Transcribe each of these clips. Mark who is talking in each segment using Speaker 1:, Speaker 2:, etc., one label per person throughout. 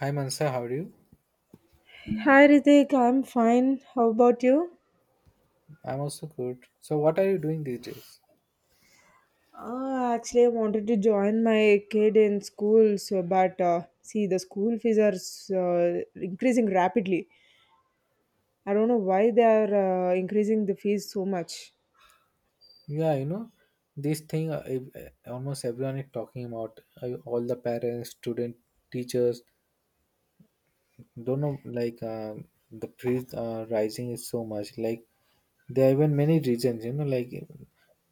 Speaker 1: Hi Mansa, how are you?
Speaker 2: Hi Ritik, I'm fine. How about you?
Speaker 1: I'm also good. So what are you doing these days?
Speaker 2: Actually, I wanted to join my kid in school, so but see, the school fees are increasing rapidly. I don't know why they are increasing the fees so much.
Speaker 1: Yeah, this thing almost everyone is talking about. All the parents, student, teachers, don't know like the price rising is so much. Like there are even many reasons. Like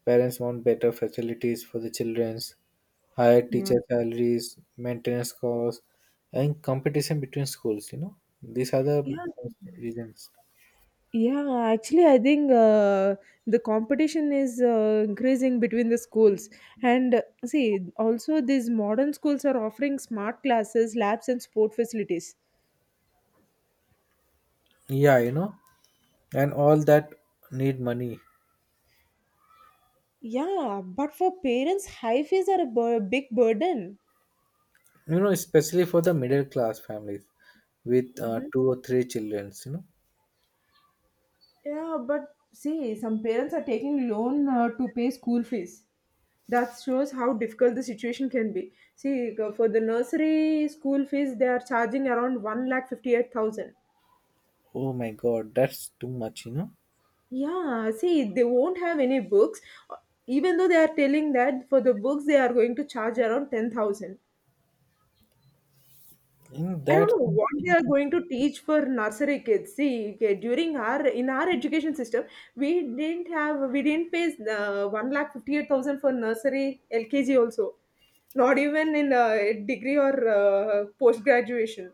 Speaker 1: parents want better facilities for the childrens, higher
Speaker 2: Yeah.
Speaker 1: teacher salaries, maintenance costs, and competition between schools. These are the
Speaker 2: Yeah,
Speaker 1: most reasons.
Speaker 2: yeah. Actually, I think the competition is increasing between the schools, and see, also these modern schools are offering smart classes, labs, and sport facilities.
Speaker 1: Yeah. And all that need money,
Speaker 2: Yeah, but for parents, high fees are a big burden.
Speaker 1: especially for the middle class families with two or three childrens.
Speaker 2: Yeah, but see, some parents are taking loan to pay school fees. That shows how difficult the situation can be. See, for the nursery school fees, they are charging around one lakh 58,000.
Speaker 1: Oh my god, that's too much.
Speaker 2: Yeah, see, they won't have any books, even though they are telling that for the books they are going to charge around 10,000.
Speaker 1: and
Speaker 2: I don't
Speaker 1: that's
Speaker 2: know what they are
Speaker 1: something-
Speaker 2: going to teach for nursery kids. See, okay, during our education system, we didn't pay the one lakh 58,000 for nursery LKG also, not even in a degree or post graduation.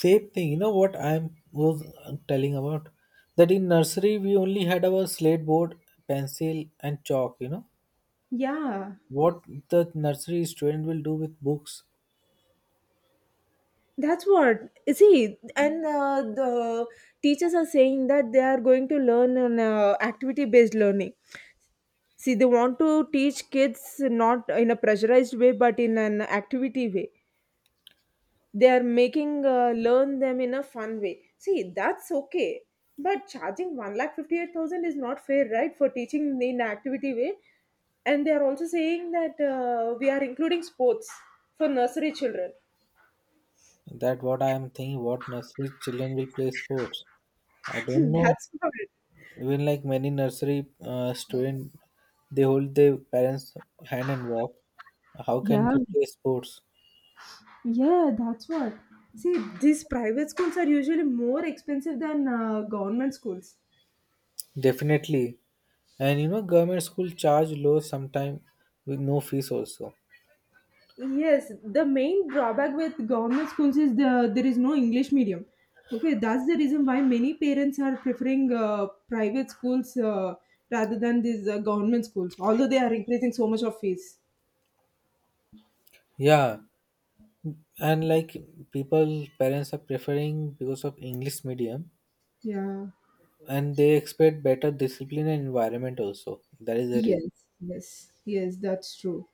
Speaker 1: Same thing, what I was telling about. That in nursery we only had our slate board, pencil and chalk.
Speaker 2: Yeah,
Speaker 1: What the nursery student will do with books?
Speaker 2: that's what. See, and the teachers are saying that they are going to learn on activity based learning. See, they want to teach kids not in a pressurized way, but in an activity way they're making learn them in a fun way. See, that's okay, but charging 1 lakh 58,000 is not fair, right? For teaching in activity way, and they are also saying that we are including sports for nursery children.
Speaker 1: That what I am thinking. What nursery children will play sports? I don't know.
Speaker 2: That's about it.
Speaker 1: Even like many nursery student, they hold their parents' hand and walk. How can
Speaker 2: Yeah,
Speaker 1: they play sports?
Speaker 2: yeah, that's what. See, these private schools are usually more expensive than government schools.
Speaker 1: Definitely. And government school charge low sometime with no fees also.
Speaker 2: Yes, the main drawback with government schools is there is no English medium. Okay, that's the reason why many parents are preferring private schools rather than these government schools, although they are increasing so much of fees.
Speaker 1: Yeah, and like people, parents are preferring because of English medium,
Speaker 2: Yeah.
Speaker 1: and they expect better discipline and environment also. That is the reason.
Speaker 2: Yes, yes, yes, that's true.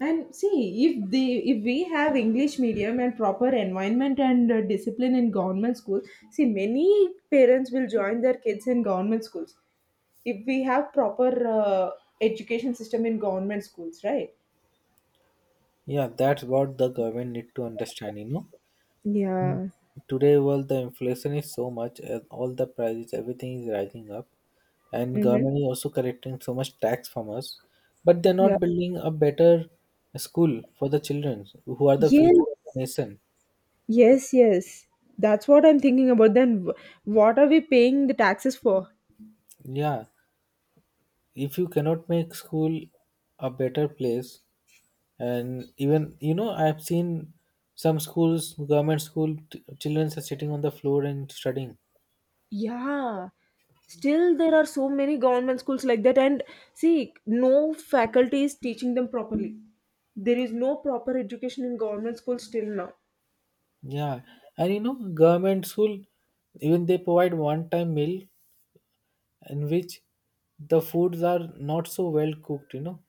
Speaker 2: And see, if we have English medium and proper environment and discipline in government schools, see many parents will join their kids in government schools if we have proper education system in government schools, right?
Speaker 1: Yeah, that's what the government need to understand. Mm.
Speaker 2: Yeah.
Speaker 1: Today, world the inflation is so much, and all the prices, everything is rising up, and
Speaker 2: Mm-hmm.
Speaker 1: government is also collecting so much tax from us, but they're
Speaker 2: Yeah.
Speaker 1: not building a better school for the children who are the
Speaker 2: Yes.
Speaker 1: future of the nation.
Speaker 2: Yes. Yes. That's what I'm thinking about. Then what are we paying the taxes for?
Speaker 1: Yeah, if you cannot make school a better place, and even I've seen some schools, government school, children are sitting on the floor and studying.
Speaker 2: Yeah, still there are so many government schools like that. And see, no faculty is teaching them properly. There is no proper education in government schools till now.
Speaker 1: Yeah, and government school even they provide one time meal in which the foods are not so well cooked.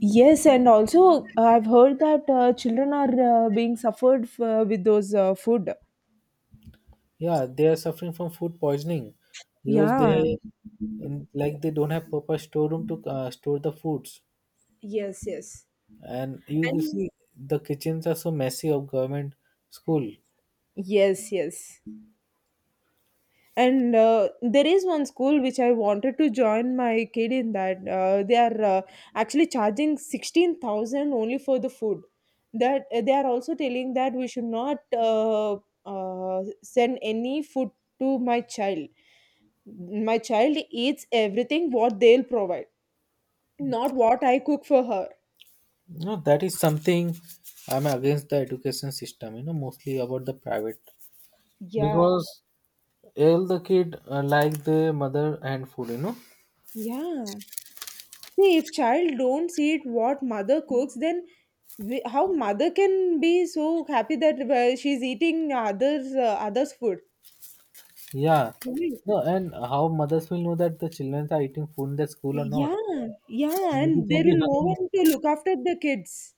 Speaker 2: Yes, and also I've heard that children are being suffered with those food.
Speaker 1: Yeah, they are suffering from food poisoning because
Speaker 2: Yeah,
Speaker 1: they and like they don't have proper storeroom to store the foods.
Speaker 2: yes, yes.
Speaker 1: And you can
Speaker 2: And
Speaker 1: see the kitchens are so messy of government school.
Speaker 2: yes, yes. And there is one school which I wanted to join my kid in that they are actually charging 16,000 only for the food. That they are also telling that we should not send any food to my child. My child eats everything what they'll provide, not what I cook for her.
Speaker 1: No, that is something, I'm against the education system, mostly about the private.
Speaker 2: Yeah,
Speaker 1: Because all the kid like the mother and food.
Speaker 2: yeah. See, if child don't see it what mother cooks, then we, how mother can be so happy that well, she's eating others' food?
Speaker 1: Yeah.
Speaker 2: Right.
Speaker 1: No, and how mothers will know that the children are eating food in the school or
Speaker 2: Yeah,
Speaker 1: not?
Speaker 2: yeah,
Speaker 1: Maybe
Speaker 2: and
Speaker 1: they
Speaker 2: there
Speaker 1: be
Speaker 2: will no
Speaker 1: hungry.
Speaker 2: one to look after the kids,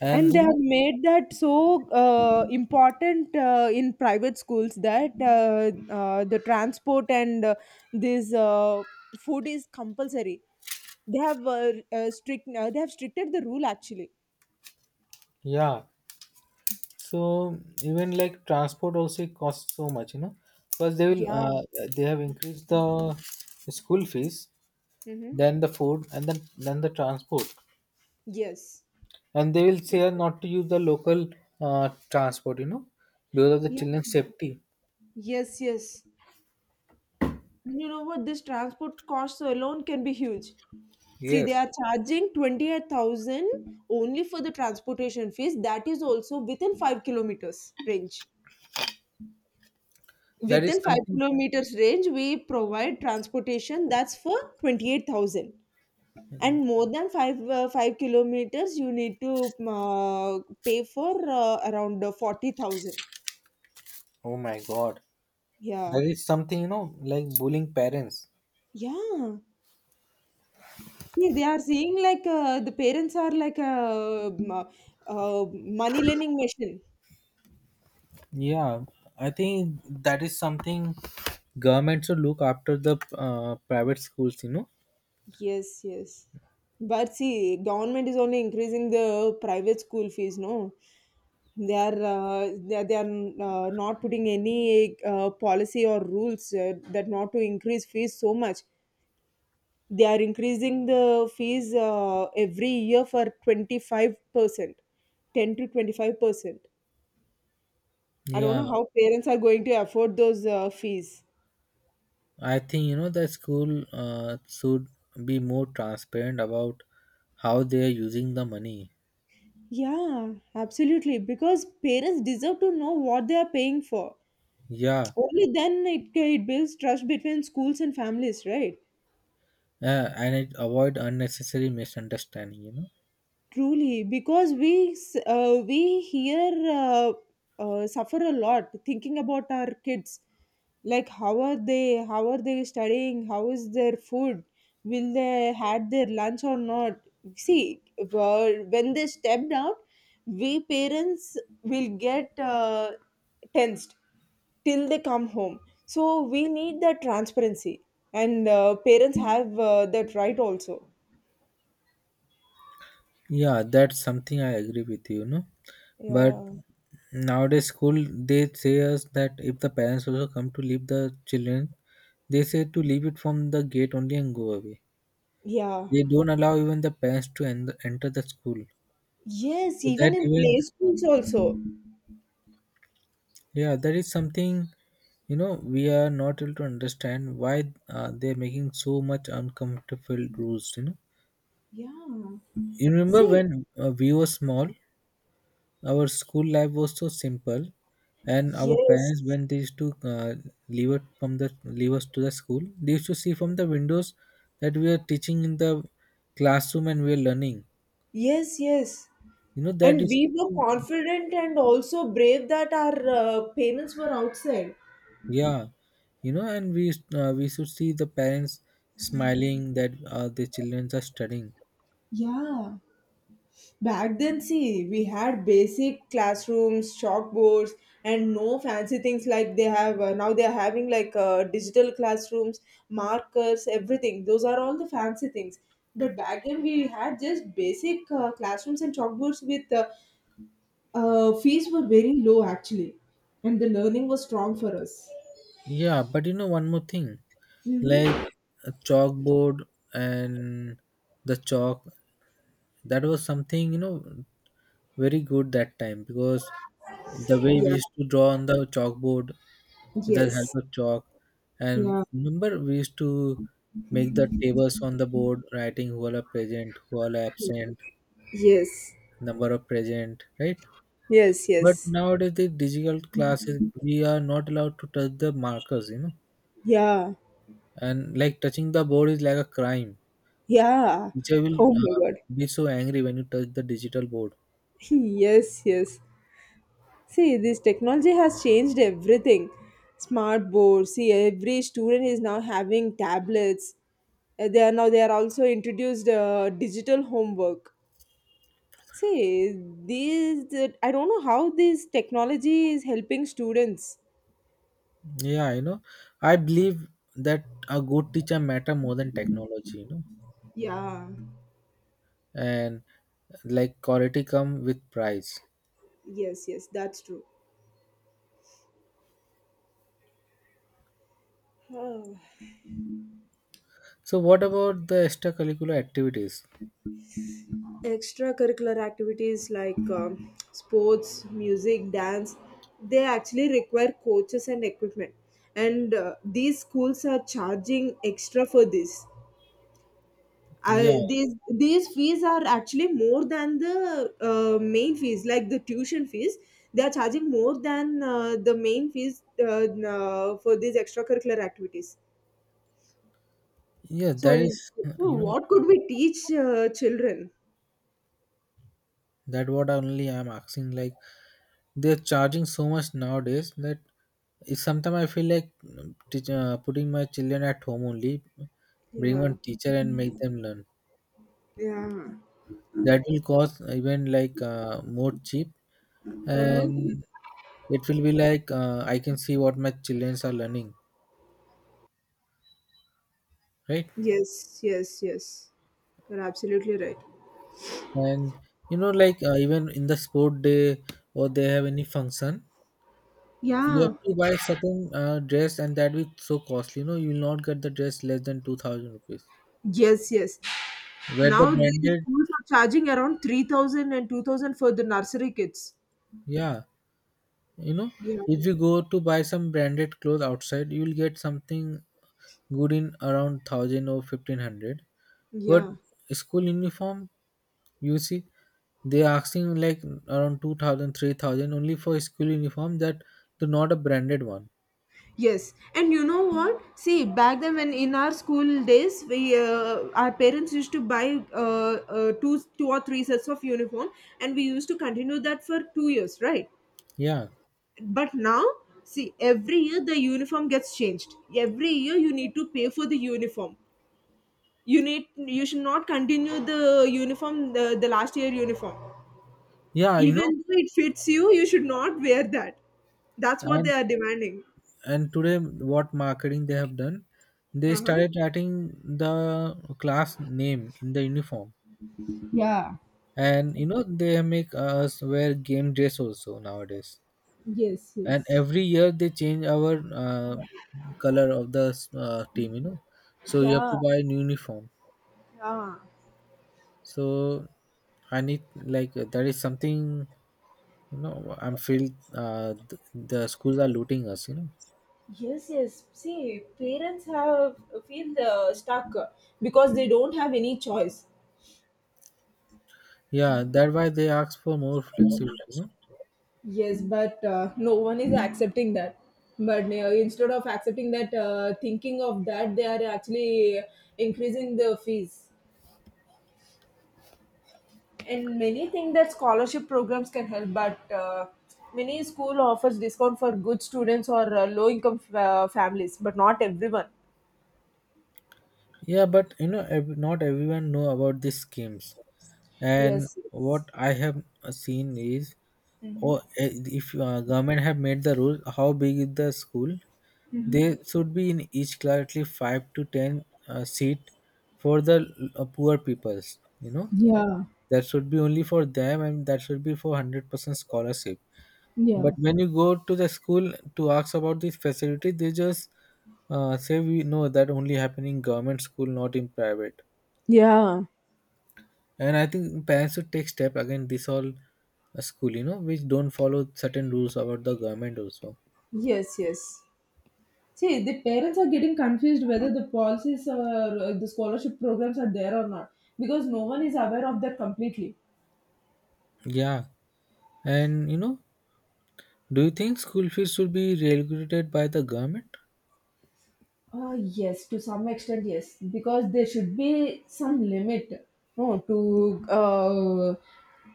Speaker 1: And
Speaker 2: and they have made that so important in private schools that the transport and this food is compulsory. They have strict. They have stricted the rule actually.
Speaker 1: yeah. So even like transport also costs so much, because
Speaker 2: Yeah.
Speaker 1: they have increased the school fees,
Speaker 2: Mhm.
Speaker 1: then the food, and then the transport,
Speaker 2: Yes.
Speaker 1: and they will say not to use the local transport, because of the
Speaker 2: Yeah.
Speaker 1: children's safety.
Speaker 2: Yes, yes. And you know what? This transport costs alone can be huge. See, they
Speaker 1: Yes,
Speaker 2: are charging 28,000 only for the transportation fees. That is also within 5 kilometers range.
Speaker 1: that is
Speaker 2: Within 5
Speaker 1: something.
Speaker 2: kilometers range, we provide transportation that's for 28,000. And more than 5 5 kilometers, you need to pay for around 40,000.
Speaker 1: Oh my God,
Speaker 2: Yeah.
Speaker 1: that is something, like bullying parents.
Speaker 2: Yeah. See, they are seeing like the parents are like a money lending machine.
Speaker 1: Yeah, I think that is something government should look after the private schools.
Speaker 2: Yes, yes. But see, government is only increasing the private school fees. No, they are not putting any policy or rules that not to increase fees so much. They are increasing the fees every year for 25%, 10 to 25%. I don't
Speaker 1: Yeah,
Speaker 2: know how parents are going to afford those fees.
Speaker 1: I think, the school should be more transparent about how they are using the money.
Speaker 2: Yeah, absolutely. Because parents deserve to know what they are paying for.
Speaker 1: Yeah,
Speaker 2: Only then it it builds trust between schools and families, right?
Speaker 1: and it avoid unnecessary misunderstanding.
Speaker 2: Truly, because we here suffer a lot thinking about our kids, like how are they studying, how is their food, will they had their lunch or not? See, when they stepped out, we parents will get tensed till they come home. So we need that transparency, and parents have that right also.
Speaker 1: Yeah, that's something I agree with you, you know. But
Speaker 2: Yeah,
Speaker 1: nowadays school they say us that if the parents also come to leave the children, they say to leave it from the gate only and go away.
Speaker 2: yeah.
Speaker 1: They don't allow even the parents to enter the school.
Speaker 2: Yes,
Speaker 1: So
Speaker 2: even
Speaker 1: that
Speaker 2: in play
Speaker 1: even,
Speaker 2: schools also.
Speaker 1: yeah, that is something we are not able to understand why they are making so much uncomfortable rules.
Speaker 2: Yeah.
Speaker 1: You remember
Speaker 2: See,
Speaker 1: when we were small, our school life was so simple, and our parents
Speaker 2: yes,
Speaker 1: when they used to leave us to the school, they used to see from the windows that we are teaching in the classroom and we are learning.
Speaker 2: yes, yes.
Speaker 1: You know that
Speaker 2: And
Speaker 1: is
Speaker 2: we were
Speaker 1: so.
Speaker 2: confident and also brave that our parents were outside.
Speaker 1: Yeah, and we should see the parents smiling that their children are studying.
Speaker 2: Yeah. Back then, see, we had basic classrooms, chalkboards, and no fancy things like they have now. They are having like digital classrooms, markers, everything. Those are all the fancy things. But back then, we had just basic classrooms and chalkboards with fees were very low actually, and the learning was strong for us.
Speaker 1: Yeah, but you know one more thing,
Speaker 2: Mhm.
Speaker 1: like a chalkboard and the chalk. That was something very good that time because the way we
Speaker 2: Yeah.
Speaker 1: used to draw on the chalkboard with the help
Speaker 2: Yes.
Speaker 1: of chalk, and
Speaker 2: Yeah.
Speaker 1: remember we used to make the tables on the board, writing who all are present, who all are absent,
Speaker 2: Yes.
Speaker 1: number of present, right?
Speaker 2: Yes.
Speaker 1: But
Speaker 2: Yes.
Speaker 1: nowadays the digital classes, we are not allowed to touch the markers,
Speaker 2: Yeah.
Speaker 1: and like touching the board is like a crime.
Speaker 2: Yeah.
Speaker 1: Teacher will
Speaker 2: Oh my God.
Speaker 1: be so angry when you touch the digital board.
Speaker 2: Yes. Yes. See, this technology has changed everything. Smart boards. See, every student is now having tablets. They are now. They are also introduced digital homework. See, these. I don't know how this technology is helping students.
Speaker 1: Yeah, I believe that a good teacher matter more than technology,
Speaker 2: Yeah,
Speaker 1: and like quality come with price.
Speaker 2: yes, yes, that's true. Oh.
Speaker 1: So what about the extracurricular activities?
Speaker 2: Extracurricular activities like sports, music, dance, they actually require coaches and equipment. And these schools are charging extra for this.
Speaker 1: Yeah,
Speaker 2: These fees are actually more than the main fees, like the tuition fees. They are charging more than the main fees for these extracurricular activities.
Speaker 1: yeah,
Speaker 2: So,
Speaker 1: that
Speaker 2: in,
Speaker 1: is,
Speaker 2: so
Speaker 1: you know,
Speaker 2: what could we teach children?
Speaker 1: that what only I'm asking. Like they're charging so much nowadays that sometimes I feel like putting my children at home only, bring
Speaker 2: Yeah,
Speaker 1: one teacher and make them learn.
Speaker 2: yeah.
Speaker 1: That will cost even like more cheap.
Speaker 2: Uh-huh.
Speaker 1: And it will be like I can see what my children are learning, right?
Speaker 2: Yes, yes, yes. You're absolutely right.
Speaker 1: And like even in the sport day or they have any function you
Speaker 2: Yeah.
Speaker 1: have to buy certain dress and that will so costly. You will not get the dress less than 2,000 rupees
Speaker 2: Yes, yes.
Speaker 1: where the
Speaker 2: Now these
Speaker 1: branded
Speaker 2: schools are charging around 3,000 and 2,000 for the nursery kids.
Speaker 1: Yeah, you know
Speaker 2: Yeah.
Speaker 1: if you go to buy some branded clothes outside you'll get something good in around 1,000 or 1,500. But
Speaker 2: Yeah.
Speaker 1: school uniform, you see, they are asking like around 2,000, 3,000 only for school uniform, that the not a branded one.
Speaker 2: Yes. And you know what? See, back then when in our school days, we our parents used to buy two or three sets of uniform, and we used to continue that for 2 years, right?
Speaker 1: Yeah,
Speaker 2: But now, see, every year the uniform gets changed. Every year you need to pay for the uniform. You need, you should not continue the uniform, the last year uniform,
Speaker 1: yeah,
Speaker 2: even though it fits you. You should not wear that. That's what they
Speaker 1: and
Speaker 2: are demanding.
Speaker 1: and today what marketing they have done, they
Speaker 2: Uh-huh.
Speaker 1: started writing the class name in the uniform.
Speaker 2: Yeah.
Speaker 1: And they make us wear game dress also nowadays.
Speaker 2: Yes,
Speaker 1: And
Speaker 2: yes.
Speaker 1: every year they change our color of the team, so you have
Speaker 2: Yeah.
Speaker 1: to buy a new uniform.
Speaker 2: Yeah.
Speaker 1: So I need, like, that is something I'm feel the schools are looting us.
Speaker 2: Yes, yes. See, parents have feel stuck because they don't have any choice.
Speaker 1: Yeah, that's why they ask for more flexibility.
Speaker 2: Yes, but no one is accepting that. But instead of accepting that, thinking of that, they are actually increasing the fees. And many think that scholarship programs can help, but many school offers discount for good students or low income families, but not everyone.
Speaker 1: Yeah, but not everyone know about these schemes. And
Speaker 2: Yes. Yes.
Speaker 1: what I have seen is,
Speaker 2: Mhm.
Speaker 1: or if government have made the rule, how big is the school? They should be in each class at least five to ten seat for the poor peoples.
Speaker 2: Yeah,
Speaker 1: That should be only for them, and that should be for 100% scholarship.
Speaker 2: yeah,
Speaker 1: But when you go to the school to ask about this facility, they just say we know that only happening in government school, not in private.
Speaker 2: yeah.
Speaker 1: And I think parents should take step against this all school, which don't follow certain rules about the government also.
Speaker 2: Yes, yes. See, the parents are getting confused whether the policies or the scholarship programs are there or not because no one is aware of that completely.
Speaker 1: Yeah, and do you think school fees should be regulated by the government?
Speaker 2: Yes, to some extent, yes, because there should be some limit. No,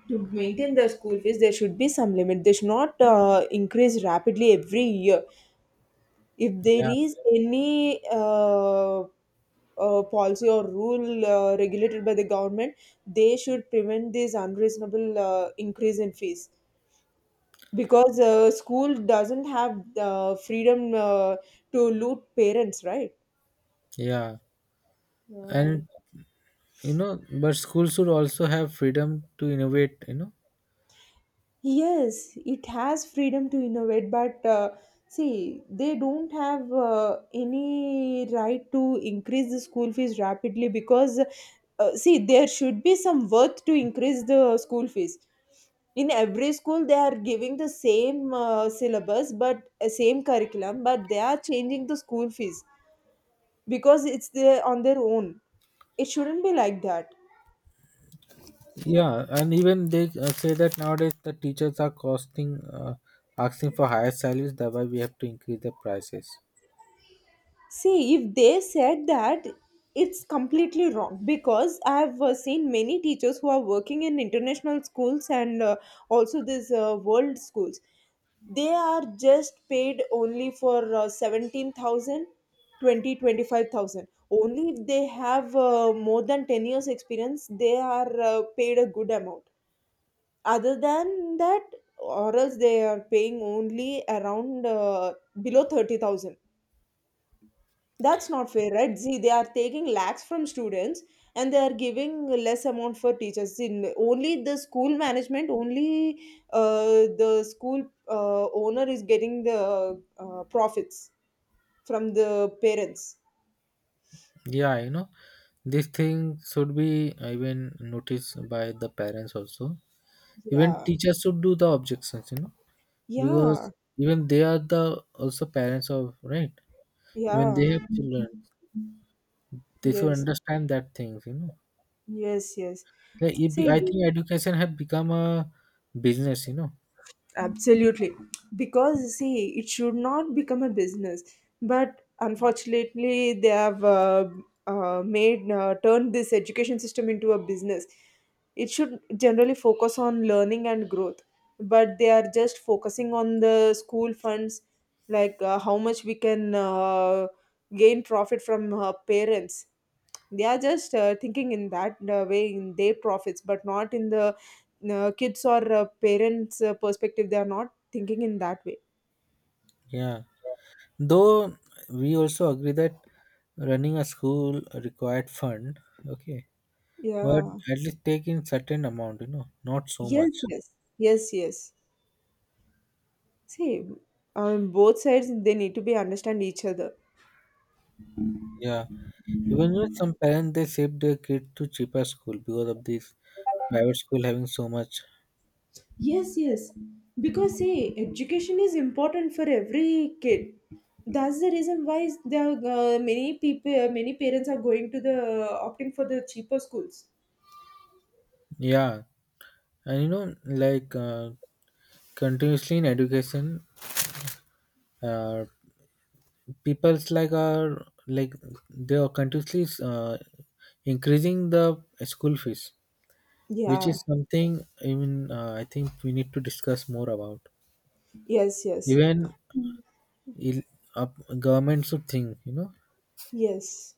Speaker 2: to maintain the school fees, there should be some limit. They should not increase rapidly every year. If there
Speaker 1: Yeah,
Speaker 2: is any policy or rule regulated by the government, they should prevent this unreasonable increase in fees because school doesn't have the freedom to loot parents, right?
Speaker 1: yeah,
Speaker 2: Yeah.
Speaker 1: and but schools should also have freedom to innovate.
Speaker 2: Yes, it has freedom to innovate, but see, they don't have any right to increase the school fees rapidly because, see, there should be some worth to increase the school fees. In every school, they are giving the same syllabus, but same curriculum, but they are changing the school fees because on their own. It shouldn't be like that.
Speaker 1: Yeah, and even they say that nowadays the teachers are asking for higher salaries, thereby we have to increase the prices.
Speaker 2: See, if they said that, it's completely wrong because I've seen many teachers who are working in international schools and also these world schools. They are just paid only for 17,000. Only if they have more than 10 years experience, they are paid a good amount. Other than that, or else they are paying only around below 30,000. That's not fair, right? See, they are taking lakhs from students and they are giving less amount for teachers. See, only the school management, only the school owner is getting the profits from the parents.
Speaker 1: Yeah, this thing should be even noticed by the parents also. Even
Speaker 2: Yeah,
Speaker 1: teachers should do the objections,
Speaker 2: yeah,
Speaker 1: because even they are the also parents of, right? Even
Speaker 2: yeah.
Speaker 1: they have children, they should
Speaker 2: Yes,
Speaker 1: understand that things.
Speaker 2: yes, yes.
Speaker 1: Like it be,
Speaker 2: See,
Speaker 1: I think education have become a business.
Speaker 2: absolutely. Because see, it should not become a business. But unfortunately, they have made turned this education system into a business. It should generally focus on learning and growth, but they are just focusing on the school funds, like how much we can gain profit from parents. They are just thinking in that way in their profits, but not in the kids or parents' perspective. They are not thinking in that way.
Speaker 1: Yeah, though we also agree that running a school required fund, okay, but
Speaker 2: Yeah.
Speaker 1: at least take in certain amount, not so
Speaker 2: Yes,
Speaker 1: much.
Speaker 2: yes. Yes, yes. See, on both sides, they need to be understand each other.
Speaker 1: Yeah, even with some parents they save their kid to cheaper school because of this private school having so much.
Speaker 2: Yes, yes. Because see, education is important for every kid. That's the reason why is there are, many people, many parents are going to the opting for the cheaper schools.
Speaker 1: Yeah, and like continuously in education uh, people's like are like they are continuously increasing the school fees, which
Speaker 2: Yeah.
Speaker 1: is something, I mean I think we need to discuss more about.
Speaker 2: Yes. Yes.
Speaker 1: Even il- up, government should think.
Speaker 2: Yes.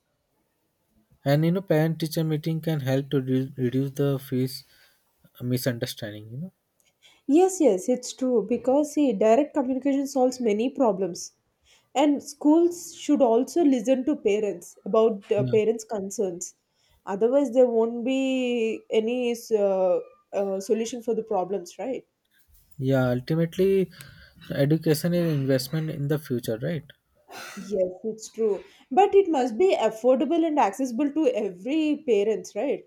Speaker 1: And parent teacher meeting can help to reduce the fees misunderstanding.
Speaker 2: Yes, yes, it's true because see, direct communication solves many problems. And schools should also listen to parents about
Speaker 1: Yeah,
Speaker 2: parents' concerns. Otherwise, there won't be any solution for the problems, right?
Speaker 1: yeah, ultimately education is investment in the future, right?
Speaker 2: Yes, it's true. But it must be affordable and accessible to every parents, right?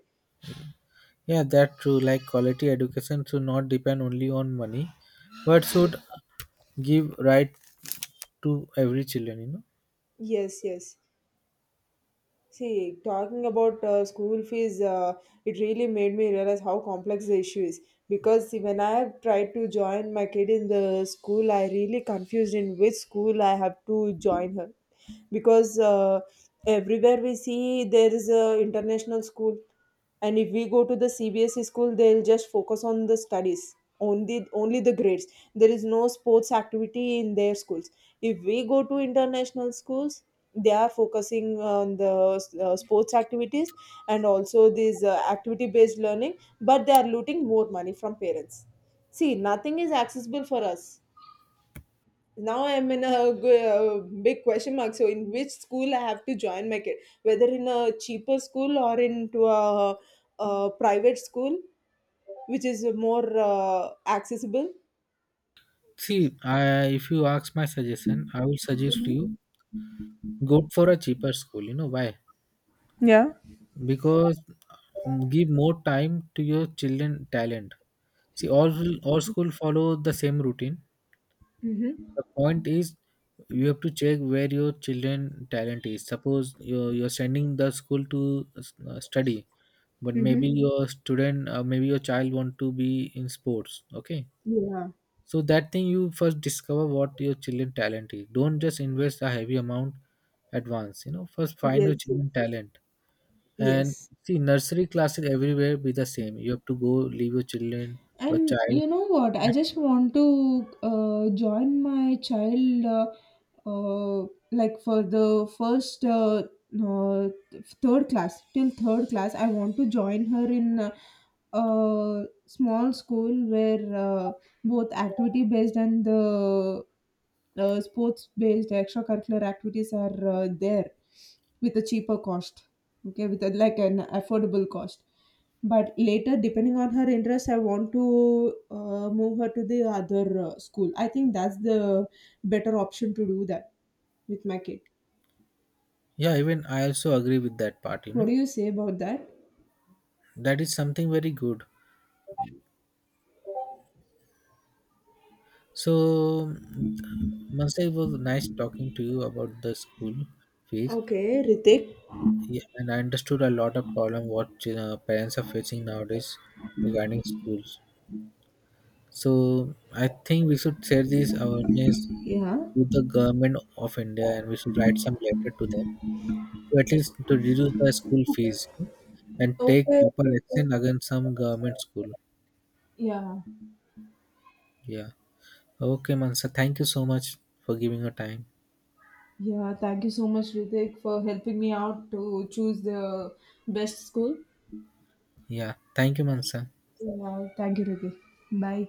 Speaker 1: Yeah, that's true, like quality education should not depend only on money, but
Speaker 2: Ye-
Speaker 1: should give right to every children.
Speaker 2: Yes, yes. See, talking about school fees, it really made me realize how complex the issue is. Because see, when I have tried to join my kid in the school, I really confused in which school I have to join her because everywhere we see there is a international school. And if we go to the CBSE school, they'll just focus on the studies, only the grades. There is no sports activity in their schools. If we go to international schools, they are focusing on the sports activities and also these activity based learning, but they are looting more money from parents. See, nothing is accessible for us. Now I'm in a big question mark. So, in which school I have to join my kid, whether in a cheaper school or into a private school, which is more accessible.
Speaker 1: See, if you ask my suggestion I will suggest you go for a cheaper school. You know why? Because, give more time to your children talent. See, all school follow the same routine.
Speaker 2: Mm-hmm.
Speaker 1: The point is you have to check where your children talent is. Suppose you're sending the school to study, but
Speaker 2: Mm-hmm.
Speaker 1: maybe your child want to be in sports, okay?
Speaker 2: Yeah.
Speaker 1: So that thing you first discover what your children talent is. Don't just invest a heavy amount at once, first find your
Speaker 2: Yes,
Speaker 1: children talent. And
Speaker 2: yes.
Speaker 1: see, nursery classes everywhere be the same. You have to go leave your children or
Speaker 2: And
Speaker 1: child.
Speaker 2: you know what? I just want to join my child, like for the first uh, third class till third class. I want to join her in a small school where both activity based and the sports based extracurricular activities are there with a cheaper cost. Okay, with a, like an affordable cost, but later, depending on her interest, I want to move her to the other school. I think that's the better option to do that with my kid.
Speaker 1: Yeah, even I also agree with that part.
Speaker 2: What do you say about that?
Speaker 1: That is something very good. So, Mansa, it was nice talking to you about the school fees.
Speaker 2: Okay, Ritik.
Speaker 1: Yeah, and I understood a lot of problem what parents are facing nowadays regarding schools. So, I think we should share this awareness
Speaker 2: Yeah.
Speaker 1: with the government of India and we should write some letter to them to at least to reduce the school fees, and take
Speaker 2: Okay.
Speaker 1: proper action against some government school.
Speaker 2: Yeah,
Speaker 1: Yeah. Okay, Mansa. Thank you so much for giving your time.
Speaker 2: yeah. Thank you so much, Ritik, for helping me out to choose the best school.
Speaker 1: Yeah. Thank you, Mansa.
Speaker 2: Yeah, thank you, Ritik. Bye.